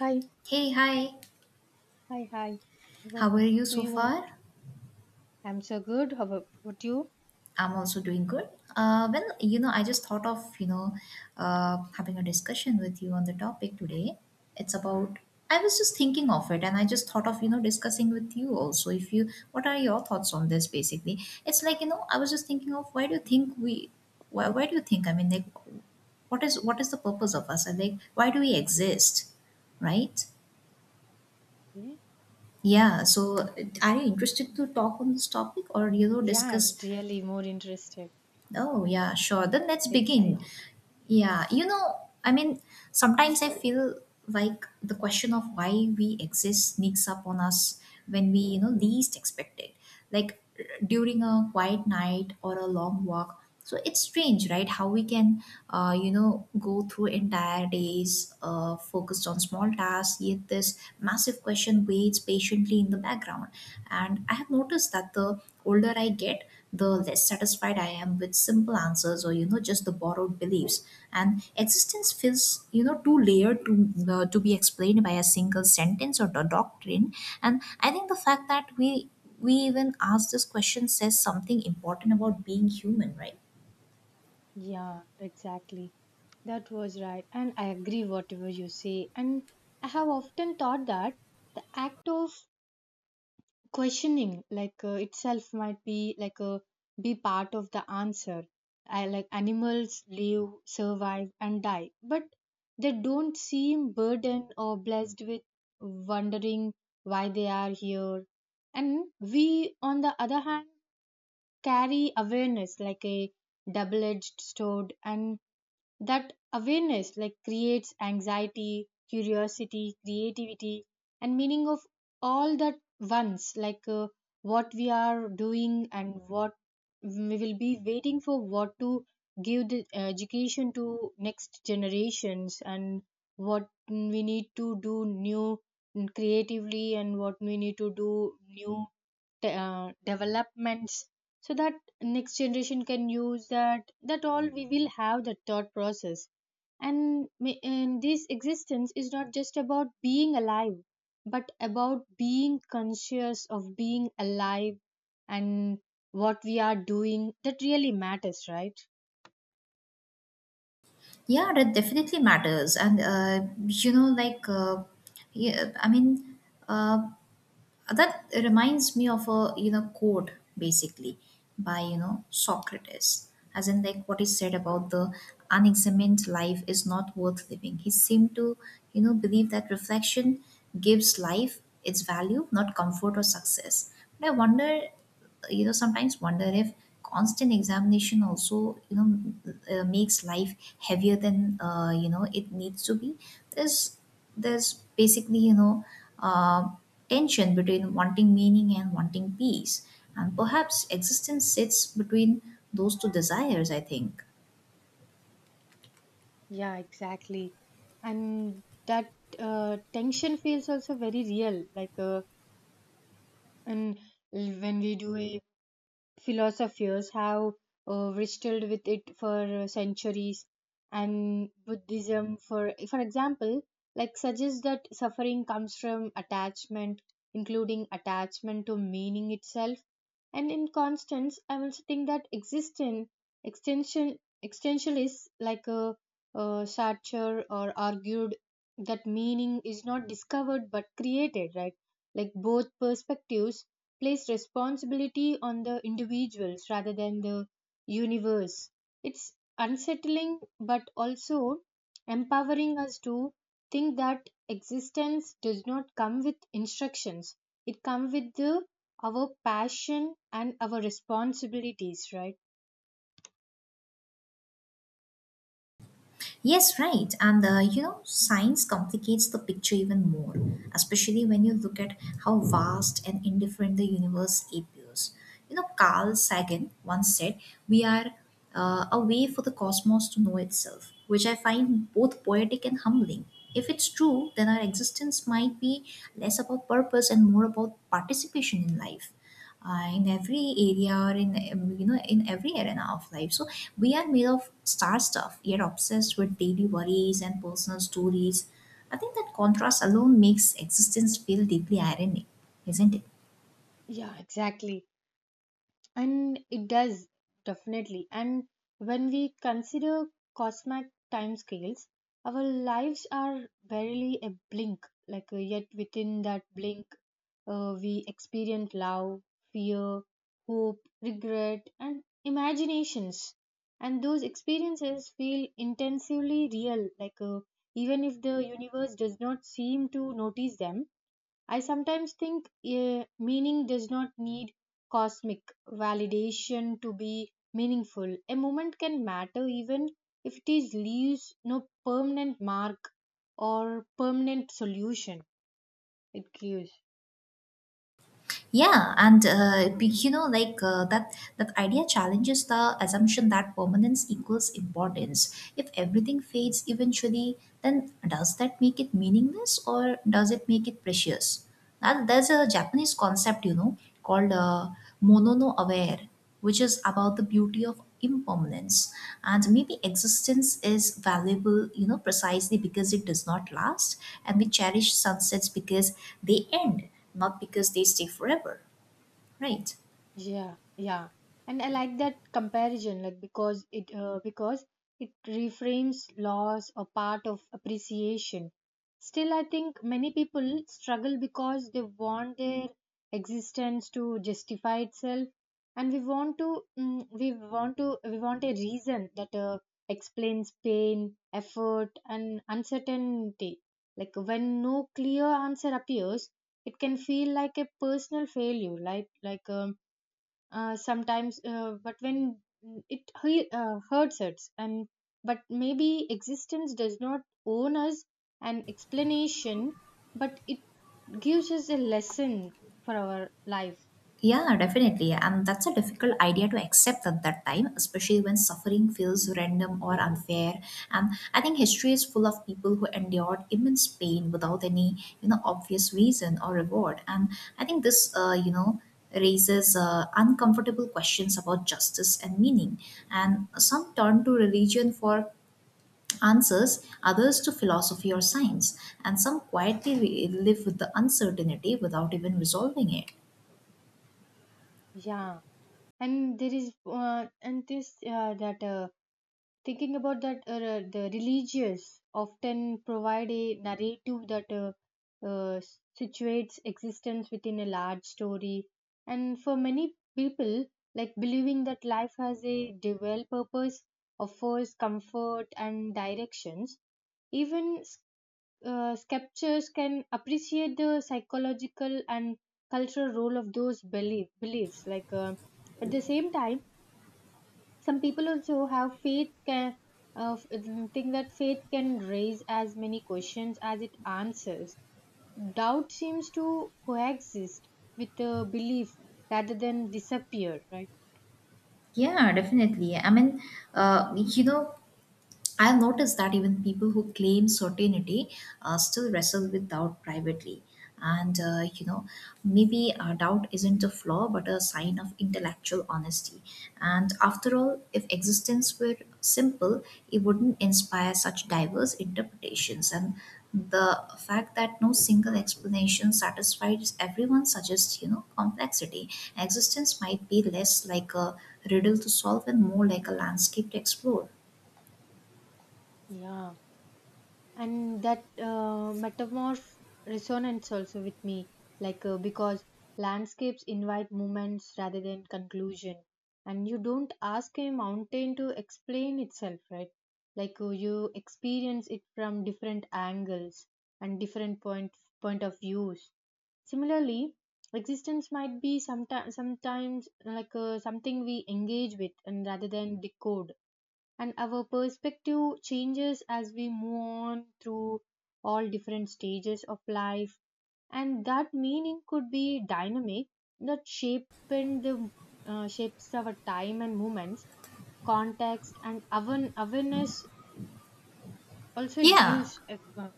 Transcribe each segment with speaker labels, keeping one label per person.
Speaker 1: Hi,
Speaker 2: Hey, hi.
Speaker 1: hi, hi. What
Speaker 2: How are you
Speaker 1: do
Speaker 2: so
Speaker 1: you want?
Speaker 2: far?
Speaker 1: I'm so good. How about what you?
Speaker 2: I'm also doing good. I just thought of, having a discussion with you on the topic today. It's about, I was just thinking of it and I just thought of, discussing with you also. If you, what are your thoughts on this basically? It's like, I was just thinking of why do you think, I mean, like, what is the purpose of us? And like, why do we exist, right?
Speaker 1: Okay.
Speaker 2: Yeah. So, are you interested to talk on this topic or,
Speaker 1: Yeah, I'm
Speaker 2: discuss?
Speaker 1: really more interested.
Speaker 2: Oh, yeah, sure. Then let's
Speaker 1: I
Speaker 2: begin.
Speaker 1: excited.
Speaker 2: Yeah, you know, I mean, sometimes I feel like the question of why we exist sneaks up on us when we, least expect it. Like during a quiet night or a long walk. So it's strange, right? How we can, you know, go through entire days focused on small tasks, yet this massive question waits patiently in the background. And I have noticed that the older I get, the less satisfied I am with simple answers or just the borrowed beliefs. And existence feels too layered to be explained by a single sentence or the doctrine. And I think the fact that we even ask this question says something important about being human, right?
Speaker 1: Yeah, exactly. That was right, and I agree whatever you say. And I have often thought that the act of questioning itself might be like a be part of the answer. I, like animals live survive and die, but they don't seem burdened or blessed with wondering why they are here. And we, on the other hand, carry awareness like a double edged sword, and that awareness like creates anxiety, curiosity, creativity, and meaning of all that once, what we are doing and what we will be waiting for, what to give the education to next generations, and what we need to do new creatively, and what we need to do new developments so that next generation can use that all we will have the thought process. And this existence is not just about being alive but about being conscious of being alive, and what we are doing that really matters, right?
Speaker 2: Yeah, that definitely matters. And you know, like yeah, I mean. Uh, that reminds me of a quote basically by Socrates, as in like what he said about the unexamined life is not worth living. He seemed to believe that reflection gives life its value, not comfort or success, but I wonder, sometimes wonder if constant examination also, makes life heavier than, it needs to be. There's there's basically, uh, tension between wanting meaning and wanting peace, and perhaps existence sits between those two desires, I think.
Speaker 1: Yeah, exactly. And that tension feels also very real, and when we do a philosophers have wrestled with it for centuries. And buddhism for example like suggests that suffering comes from attachment, including attachment to meaning itself. And in constance I also think that existence extension extensionalists like a sartre or argued that meaning is not discovered but created, right? Like both perspectives place responsibility on the individuals rather than the universe. It's unsettling but also empowering us to think that existence does not come with instructions. It comes with the, our passion and our responsibilities, right?
Speaker 2: Yes, right. And science complicates the picture even more, especially when you look at how vast and indifferent the universe appears. You know, Carl Sagan once said, "We are a way for the cosmos to know itself," which I find both poetic and humbling. If it's true, then our existence might be less about purpose and more about participation in life, in every area, or in in every arena of life. So we are made of star stuff, yet obsessed with daily worries and personal stories. I think that contrast alone makes existence feel deeply ironic, isn't it?
Speaker 1: Yeah, exactly. And it does definitely. And when we consider cosmic timescales, our lives are barely a blink, yet within that blink we experience love, fear, hope, regret, and imaginations. And those experiences feel intensively real, even if the universe does not seem to notice them. I sometimes think meaning does not need cosmic validation to be meaningful. A moment can matter even if it is leaves no permanent mark or permanent solution it gives.
Speaker 2: Yeah, and be- you know, like That idea challenges the assumption that permanence equals importance. If everything fades eventually, then does that make it meaningless, or does it make it precious? And there's a Japanese concept, you know, called mono no aware, which is about the beauty of impermanence. And maybe existence is valuable, precisely because it does not last, and we cherish sunsets because they end, not because they stay forever, right?
Speaker 1: Yeah, yeah, and I like that comparison, because it reframes loss a part of appreciation. Still, I think many people struggle because they want their existence to justify itself, and we want to we want a reason that explains pain, effort, and uncertainty. Like when no clear answer appears, it can feel like a personal failure, sometimes but when it hurts us. And but maybe existence does not own us an explanation, but it gives us a lesson for our life.
Speaker 2: Yeah, definitely. And that's a difficult idea to accept at that time, especially when suffering feels random or unfair. And I think history is full of people who endured immense pain without any, obvious reason or reward. And I think this, raises uncomfortable questions about justice and meaning. And some turn to religion for answers, others to philosophy or science. And some quietly live with the uncertainty without even resolving it.
Speaker 1: Yeah, and there is and this that thinking about that, the religious often provide a narrative that uh, situates existence within a large story. And for many people like believing that life has a dual purpose offers comfort and directions. Even sculptures can appreciate the psychological and cultural role of those beliefs, at the same time. Some people also have faith can uh, think that faith can raise as many questions as it answers. Doubt seems to coexist with the belief rather than disappear, right?
Speaker 2: Yeah, definitely. Uh, you know, I've noticed that even people who claim certainty still wrestle with doubt privately. And, maybe doubt isn't a flaw but a sign of intellectual honesty. And after all, if existence were simple, it wouldn't inspire such diverse interpretations. And the fact that no single explanation satisfies everyone suggests, complexity. Existence might be less like a riddle to solve and more like a landscape to explore.
Speaker 1: Yeah. And that metamorph resonance also with me, because landscapes invite moments rather than conclusion, and you don't ask a mountain to explain itself, right? You experience it from different angles and different point of views. Similarly, existence might be sometimes something we engage with and rather than decode, and our perspective changes as we move on through all different stages of life. And that meaning could be dynamic, that shape in the shapes our time and moments, context and awareness. Also it
Speaker 2: Yeah,
Speaker 1: gives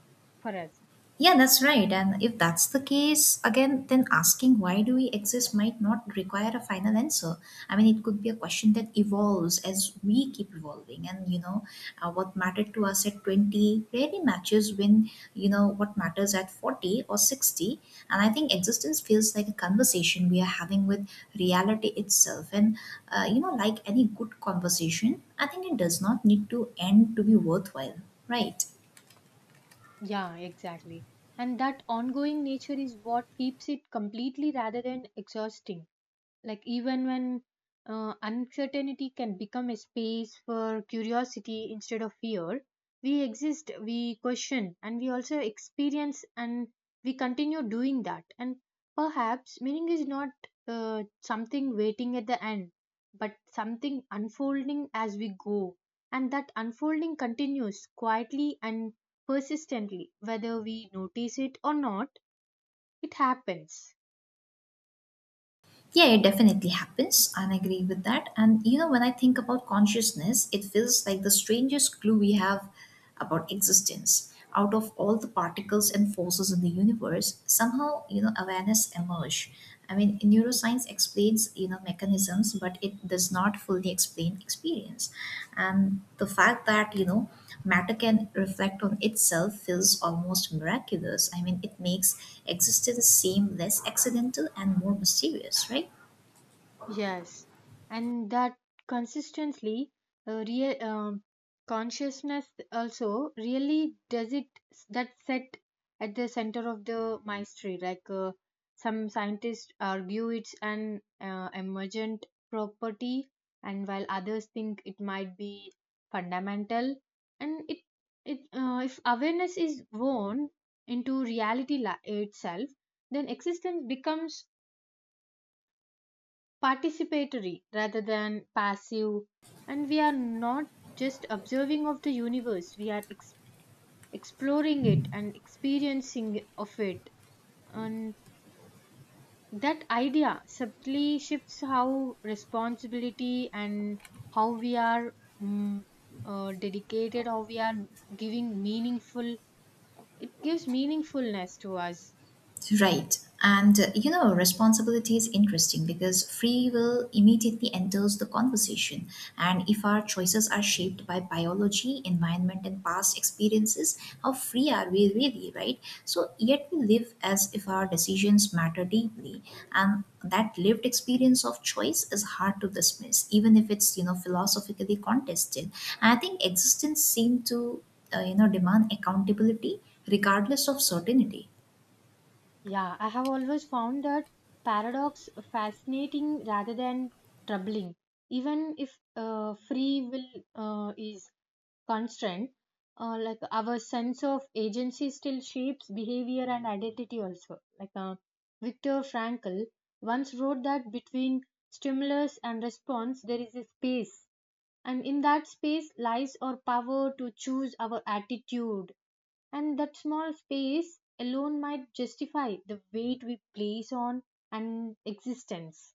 Speaker 1: for us.
Speaker 2: yeah, that's right. And if that's the case, again, then asking why do we exist might not require a final answer. I mean, it could be a question that evolves as we keep evolving. And, you know, what mattered to us at 20 really matches when, you know, what matters at 40 or 60. And I think existence feels like a conversation we are having with reality itself. And, like any good conversation, I think it does not need to end to be worthwhile, right?
Speaker 1: Yeah, exactly. And that ongoing nature is what keeps it completely rather than exhausting. Like, even when uncertainty can become a space for curiosity instead of fear, we exist, we question, and we also experience, and we continue doing that. And perhaps meaning is not something waiting at the end, but something unfolding as we go. And that unfolding continues quietly and persistently, whether we notice it or not, it happens.
Speaker 2: Yeah, it definitely happens. I agree with that. And you know, when I think about consciousness, it feels like the strangest clue we have about existence. Out of all the particles and forces in the universe, somehow, you know, awareness emerge. I mean, neuroscience explains, mechanisms, but it does not fully explain experience. And the fact that, you know, matter can reflect on itself feels almost miraculous. I mean, it makes existence seem less accidental and more mysterious, right?
Speaker 1: Yes, and that consistently real consciousness also really does it, that set at the center of the mystery. Some scientists argue it's an emergent property, and while others think it might be fundamental. And it if awareness is woven into reality itself, then existence becomes participatory rather than passive, and we are not just observing of the universe. We are exploring it and experiencing of it. And that idea subtly shifts how responsibility and how we are mm, dedicated, how we are giving meaningful, it gives meaningfulness to us.
Speaker 2: Right. And responsibility is interesting because free will immediately enters the conversation. And if our choices are shaped by biology, environment, and past experiences, how free are we really, right? So, yet we live as if our decisions matter deeply. And that lived experience of choice is hard to dismiss, even if it's, philosophically contested. And I think existence seems to, demand accountability regardless of certainty.
Speaker 1: Yeah, I have always found that paradox fascinating rather than troubling. Even if free will is constant, like our sense of agency still shapes behavior and identity also. Viktor Frankl once wrote that between stimulus and response there is a space, and in that space lies our power to choose our attitude. And that small space alone might justify the weight we place on an existence.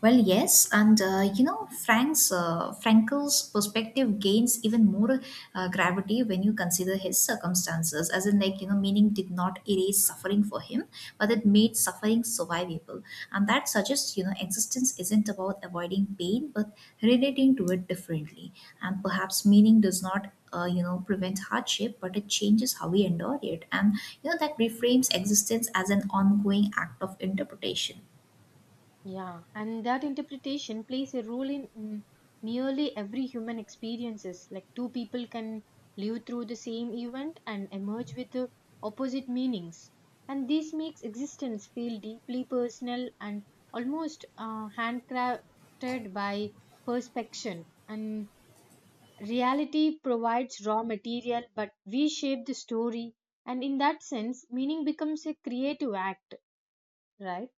Speaker 2: Well, yes, and Frank's Frankel's perspective gains even more gravity when you consider his circumstances. As in, like you know, meaning did not erase suffering for him, but it made suffering survivable, and that suggests existence isn't about avoiding pain, but relating to it differently. And perhaps meaning does not. Prevent hardship, but it changes how we endure it, and that reframes existence as an ongoing act of interpretation.
Speaker 1: Yeah, and that interpretation plays a role in nearly every human experiences. Like two people can live through the same event and emerge with opposite meanings. And this makes existence feel deeply personal and almost handcrafted by perspection. And reality provides raw material, but we shape the story. And in that sense, meaning becomes a creative act, right?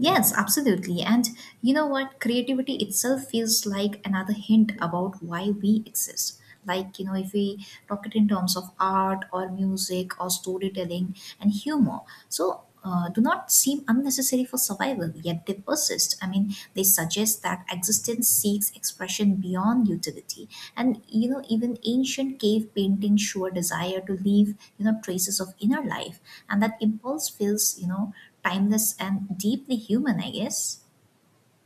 Speaker 2: Yes, absolutely. And you know what? Creativity itself feels like another hint about why we exist. Like, you know, if we talk it in terms of art or music or storytelling and humor. So, do not seem unnecessary for survival, yet they persist. I mean, they suggest that existence seeks expression beyond utility. And, you know, even ancient cave paintings show a desire to leave, traces of inner life. And that impulse feels, timeless and deeply human, I guess.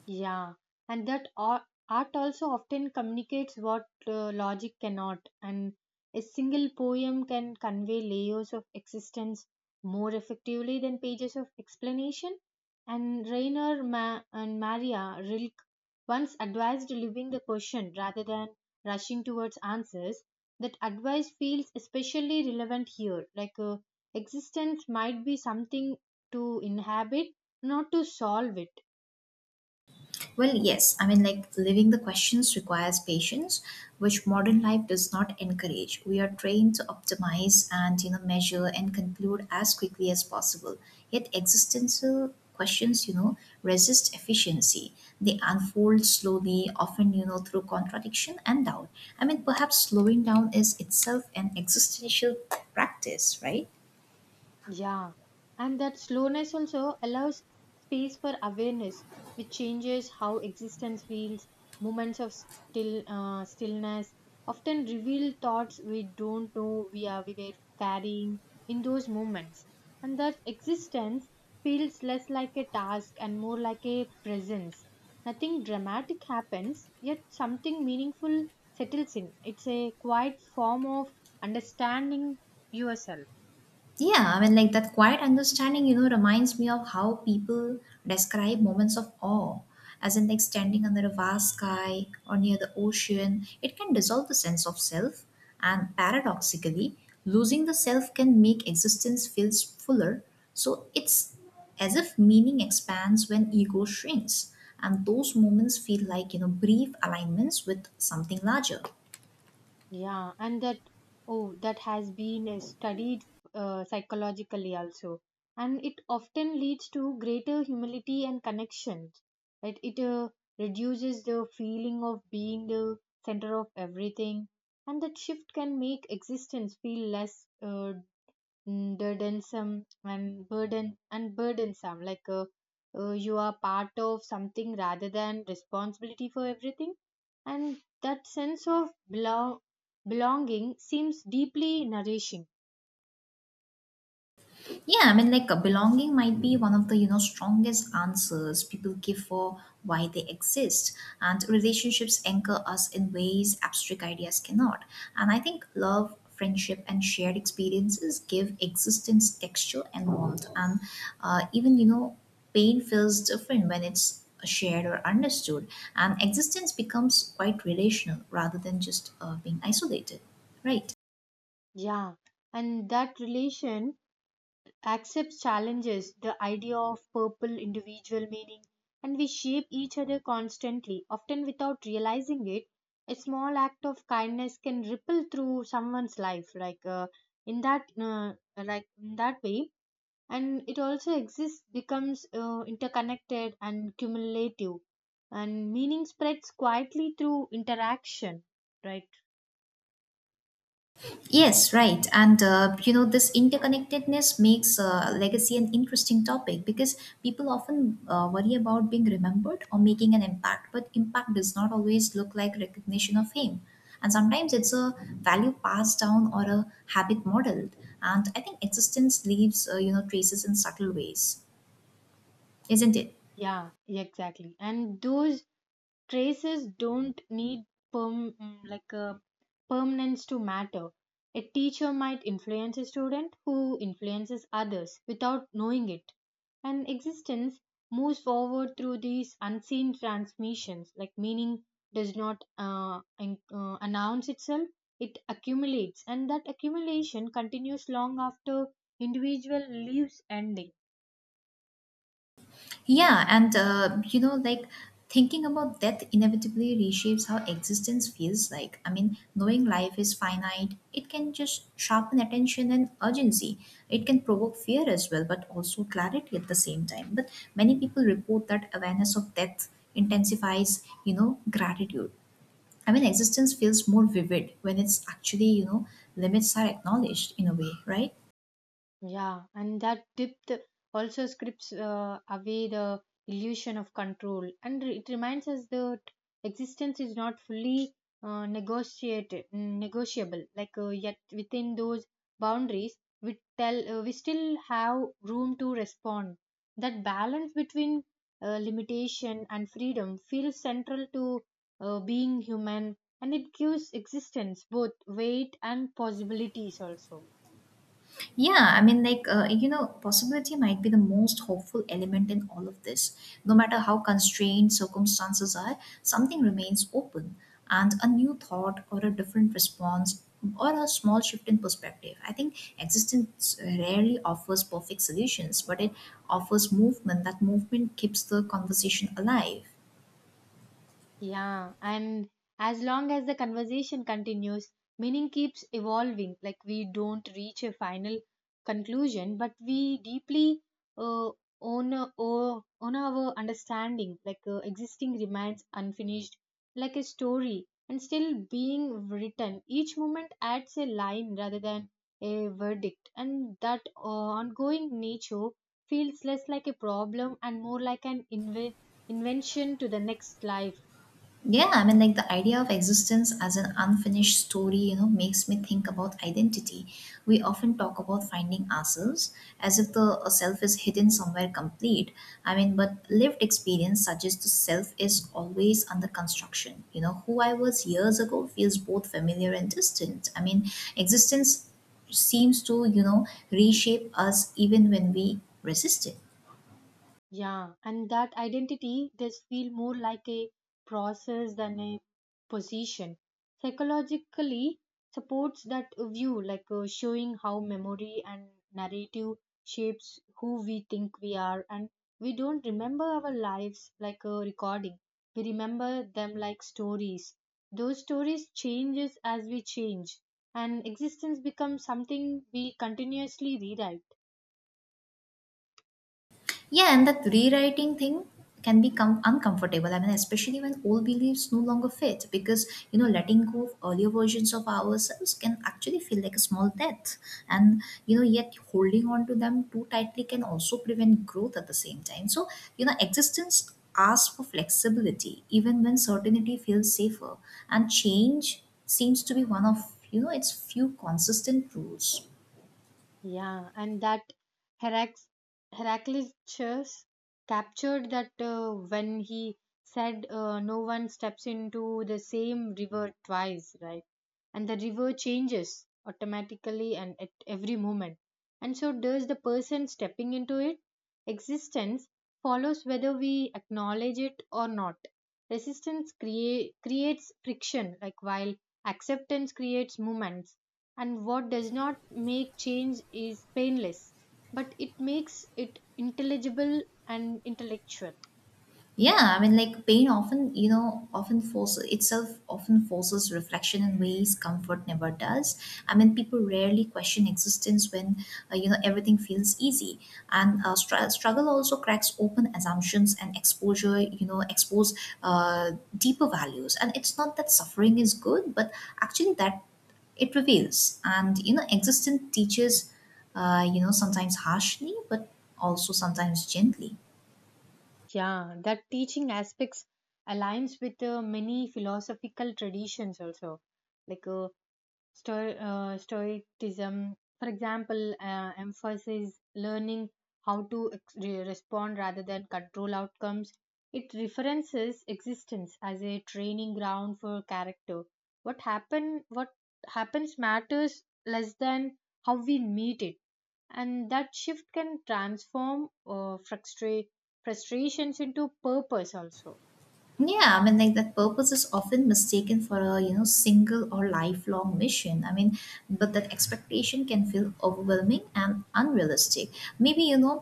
Speaker 1: Yeah, and that art also often communicates what logic cannot, and a single poem can convey layers of existence more effectively than pages of explanation. And Maria Rilke once advised leaving the question rather than rushing towards answers. That advice feels especially relevant here, existence might be something to inhabit, not to solve it.
Speaker 2: Well, yes, I mean, like living the questions requires patience, which modern life does not encourage. We are trained to optimize and, measure and conclude as quickly as possible. Yet, existential questions, resist efficiency. They unfold slowly, often, through contradiction and doubt. I mean, perhaps slowing down is itself an existential practice, right?
Speaker 1: Yeah, and that slowness also allows space for awareness, which changes how existence feels. Moments of stillness often reveal thoughts we don't know we were carrying in those moments, and thus existence feels less like a task and more like a presence. Nothing dramatic happens, yet something meaningful settles in. It's a quiet form of understanding yourself.
Speaker 2: Yeah, I mean, like that quiet understanding, reminds me of how people describe moments of awe, as in, like, standing under a vast sky or near the ocean. It can dissolve the sense of self, and paradoxically, losing the self can make existence feel fuller. So it's as if meaning expands when ego shrinks, and those moments feel like, brief alignments with something larger.
Speaker 1: Yeah, and that oh, that has been studied psychologically also, and it often leads to greater humility and connection. Right? It reduces the feeling of being the center of everything, and that shift can make existence feel less burdensome and burdensome, you are part of something rather than responsibility for everything. And that sense of belonging seems deeply nourishing.
Speaker 2: Yeah, I mean, belonging might be one of the strongest answers people give for why they exist, and relationships anchor us in ways abstract ideas cannot. And I think love, friendship, and shared experiences give existence texture and warmth. And uh, even you know, pain feels different when it's shared or understood, and existence becomes quite relational rather than just being isolated, right?
Speaker 1: Yeah, and that relation accepts challenges the idea of purple individual meaning. And we shape each other constantly, often without realizing it. A small act of kindness can ripple through someone's life, in that uh, like in that way. And it also exists becomes interconnected and cumulative, and meaning spreads quietly through interaction, right?
Speaker 2: Yes, right. And this interconnectedness makes legacy an interesting topic because people often worry about being remembered or making an impact, but impact does not always look like recognition of fame. And sometimes it's a value passed down or a habit modeled. And I think existence leaves, traces in subtle ways, isn't it?
Speaker 1: Yeah, exactly. And those Traces don't need perm- mm, like a permanence to matter. A teacher might influence a student who influences others without knowing it. And existence moves forward through these unseen transmissions, like meaning does not announce itself, it accumulates, and that accumulation continues long after individual leaves ending.
Speaker 2: Yeah,
Speaker 1: Yes.
Speaker 2: and you know, like Thinking about death inevitably reshapes how existence feels like. I mean, knowing life is finite, it can just sharpen attention and urgency. It can provoke fear as well, but also clarity at the same time. But many people report that awareness of death intensifies, gratitude. I mean, existence feels more vivid when it's actually, limits are acknowledged in a way, right?
Speaker 1: Yeah, and that depth also strips away the illusion of control, and it reminds us that existence is not fully negotiable. Yet within those boundaries, we still have room to respond. That balance between limitation and freedom feels central to being human, and it gives existence both weight and possibilities also.
Speaker 2: Yeah, I mean, like, possibility might be the most hopeful element in all of this. No matter how constrained circumstances are, something remains open, and a new thought or a different response or a small shift in perspective. I think existence rarely offers perfect solutions, but it offers movement. That movement keeps the conversation alive.
Speaker 1: Yeah, and as long as the conversation continues, meaning keeps evolving. Like we don't reach a final conclusion, but we deeply uh, own our understanding. Existing remains unfinished, like a story, and still being written. Each moment adds a line rather than a verdict, and that ongoing nature feels less like a problem and more like an invention to the next life.
Speaker 2: Yeah, I mean, like the idea of existence as an unfinished story, you know, makes me think about identity. We often talk about finding ourselves as if the self is hidden somewhere complete. I mean, but lived experience suggests the self is always under construction. You know, who I was years ago feels both familiar and distant. I mean, existence seems to, you know, reshape us even when we resist it.
Speaker 1: Yeah, and that identity does feel more like a process than a position. Psychologically supports that view, showing how memory and narrative shapes who we think we are, and we don't remember our lives like a recording. We remember them like stories. Those stories changes as we change, and existence becomes something we continuously rewrite.
Speaker 2: Yeah, and that rewriting thing can become uncomfortable. I mean, especially when old beliefs no longer fit, because you know, letting go of earlier versions of ourselves can actually feel like a small death, and you know, yet holding on to them too tightly can also prevent growth at the same time. So, you know, existence asks for flexibility, even when certainty feels safer, and change seems to be one of you know its few consistent rules.
Speaker 1: Yeah, and that Herac- Heraclitus captured that when he said, No one steps into the same river twice, right? And the river changes automatically and at every moment. And so does the person stepping into it. Existence follows whether we acknowledge it or not. Resistance creates friction, like while acceptance creates movement, and what does not make change is painless, but it makes it intelligible and intellectual.
Speaker 2: Yeah, I mean, like pain often, you know, often forces itself, often forces reflection in ways comfort never does. I mean, people rarely question existence when, you know, everything feels easy. And struggle also cracks open assumptions and exposure, you know, expose uh, deeper values. And it's not that suffering is good, but actually that it reveals. And, you know, existence teaches, you know, sometimes harshly, but also sometimes gently.
Speaker 1: Yeah, that teaching aspects aligns with many philosophical traditions also, like stoicism, for example, emphasizes learning how to re- respond rather than control outcomes. It references existence as a training ground for character. What happens matters less than how we meet it, and that shift can transform frustrations into purpose also.
Speaker 2: Yeah, I mean, like that purpose is often mistaken for a you know single or lifelong mission. I mean, but that expectation can feel overwhelming and unrealistic. Maybe you know,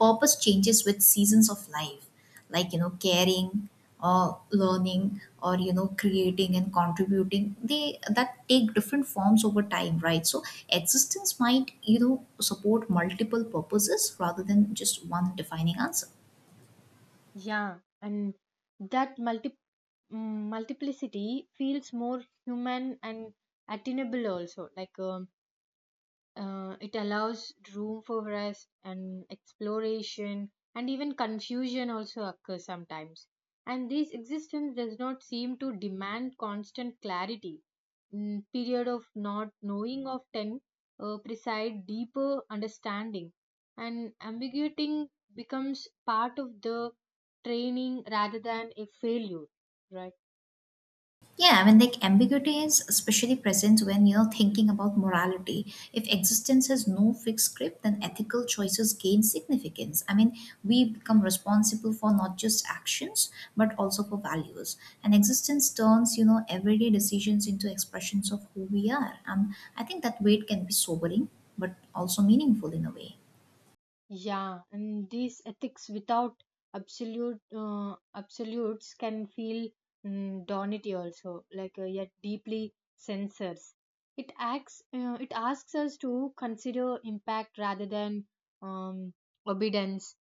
Speaker 2: purpose changes with seasons of life, like you know, caring or learning or you know, creating and contributing. They that take different forms over time, right? So existence might you know support multiple purposes rather than just one defining answer.
Speaker 1: Yeah, and that multiplicity feels more human and attainable also, it allows room for rest and exploration and even confusion also occurs sometimes. And this existence does not seem to demand constant clarity. Period of not knowing often ten preside deeper understanding, and ambiguity becomes part of the training rather than a failure, right?
Speaker 2: Yeah, I mean, like ambiguity is especially present when you know thinking about morality. If existence has no fixed script, then ethical choices gain significance. I mean, we become responsible for not just actions but also for values. And existence turns you know everyday decisions into expressions of who we are. I think that weight can be sobering but also meaningful in a way.
Speaker 1: Yeah, and these ethics without absolutes can feel donity also, yet deeply censors. It acts. It asks us to consider impact rather than um, obedience,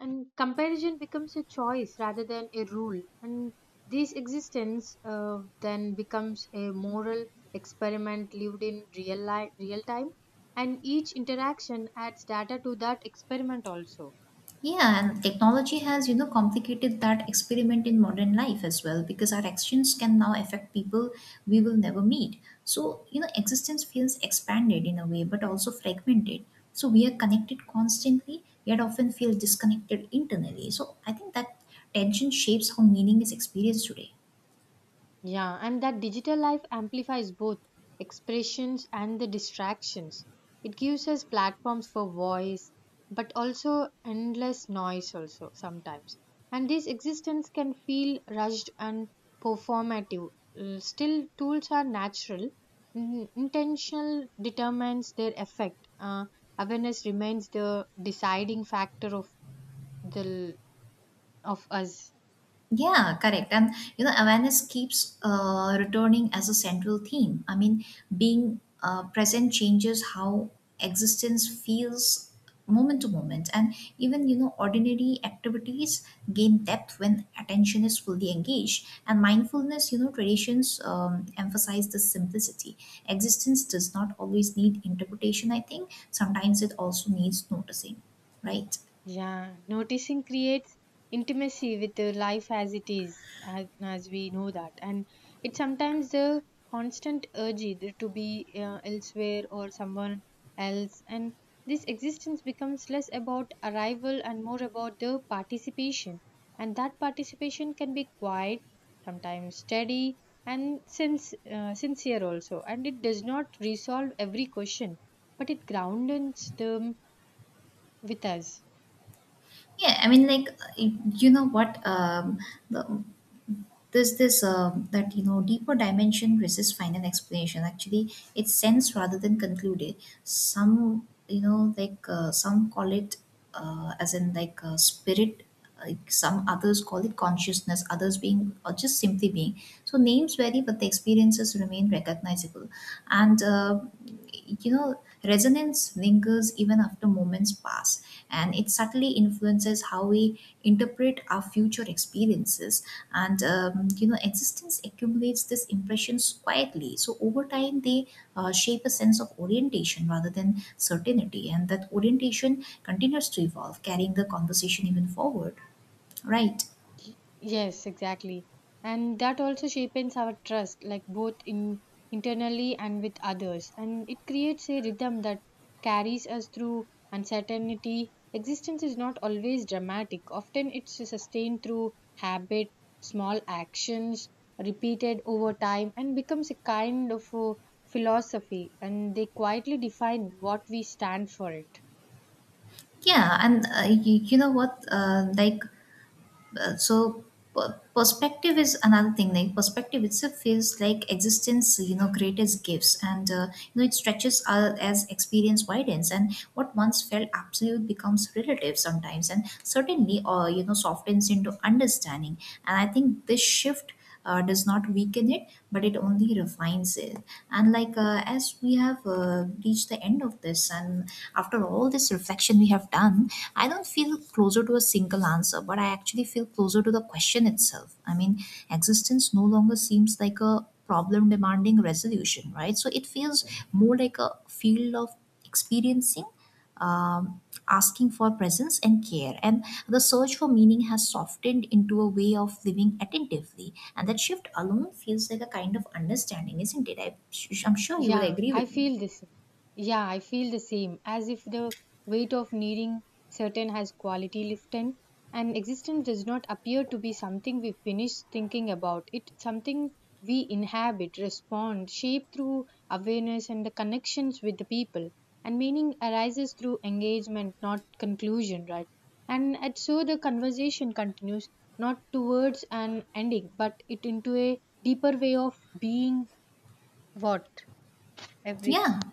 Speaker 1: and comparison becomes a choice rather than a rule. And this existence then becomes a moral experiment lived in real life, real time, and each interaction adds data to that experiment also.
Speaker 2: Yeah, and technology has, you know, complicated that experiment in modern life as well because our actions can now affect people we will never meet. So, you know, existence feels expanded in a way, but also fragmented. So we are connected constantly, yet often feel disconnected internally. So I think that tension shapes how meaning is experienced today.
Speaker 1: Yeah, and that digital life amplifies both expressions and the distractions. It gives us platforms for voice, but also endless noise, also sometimes. And this existence can feel rushed and performative. Still, tools are natural. Intentional determines their effect. Awareness remains the deciding factor of the of us.
Speaker 2: Yeah, correct. And you know, awareness keeps returning as a central theme. I mean, being present changes how existence feels moment to moment, and even you know, ordinary activities gain depth when attention is fully engaged. And mindfulness, you know, traditions emphasize the simplicity. Existence does not always need interpretation. I think sometimes it also needs noticing, right?
Speaker 1: Yeah, noticing creates intimacy with the life as it is, as we know that. And it's sometimes the constant urge either to be elsewhere or someone else. And this existence becomes less about arrival and more about the participation. And that participation can be quiet, sometimes steady, and sincere also. And it does not resolve every question, but it grounds them with us.
Speaker 2: Yeah, I mean, like you know what the, there's this that you know deeper dimension resists final explanation. Actually, it's sense rather than concluded. Some you know some call it as in spirit. Like some others call it consciousness, others being or just simply being. So names vary, but the experiences remain recognizable and you know resonance lingers even after moments pass, and it subtly influences how we interpret our future experiences. And you know existence accumulates these impressions quietly, so over time they shape a sense of orientation rather than certainty, and that orientation continues to evolve, carrying the conversation even forward, right?
Speaker 1: Yes, exactly. And that also shapes our trust, like both in internally and with others. And it creates a rhythm that carries us through uncertainty. Existence is not always dramatic. Often it's sustained through habit, small actions, repeated over time, and becomes a kind of a philosophy. And they quietly define what we stand for it.
Speaker 2: Yeah, and you know what Uh, so perspective is another thing. Like perspective itself feels like existence you know greatest gifts, and you know it stretches as experience widens, and what once felt absolute becomes relative sometimes, and certainly you know softens into understanding. And I think this shift does not weaken it, but it only refines it. And as we have reached the end of this, and after all this reflection we have done, I don't feel closer to a single answer, but I actually feel closer to the question itself. I mean, existence no longer seems like a problem demanding resolution, right? So it feels more like a field of experiencing, um, asking for presence and care. And the search for meaning has softened into a way of living attentively. And that shift alone feels like a kind of understanding, isn't it? I'm sure you would
Speaker 1: Yeah,
Speaker 2: agree
Speaker 1: I
Speaker 2: with me.
Speaker 1: feel the same. Yeah, I feel the same. As if the weight of needing certain has quality lifted, and existence does not appear to be something we finish thinking about. It something we inhabit, respond, shape through awareness and the connections with the people. And meaning arises through engagement, not conclusion, right? And so the conversation continues not towards an ending, but it into a deeper way of being what everything.
Speaker 2: Yeah,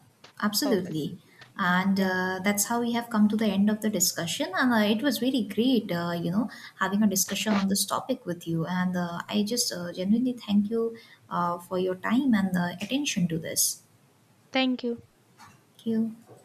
Speaker 1: Purpose.
Speaker 2: absolutely. And
Speaker 1: Yeah.
Speaker 2: that's how we have come to the end of the discussion. And it was really great, you know, having a discussion on this topic with you. And I just genuinely thank you for your time and attention to this.
Speaker 1: Thank you.
Speaker 2: Thank you.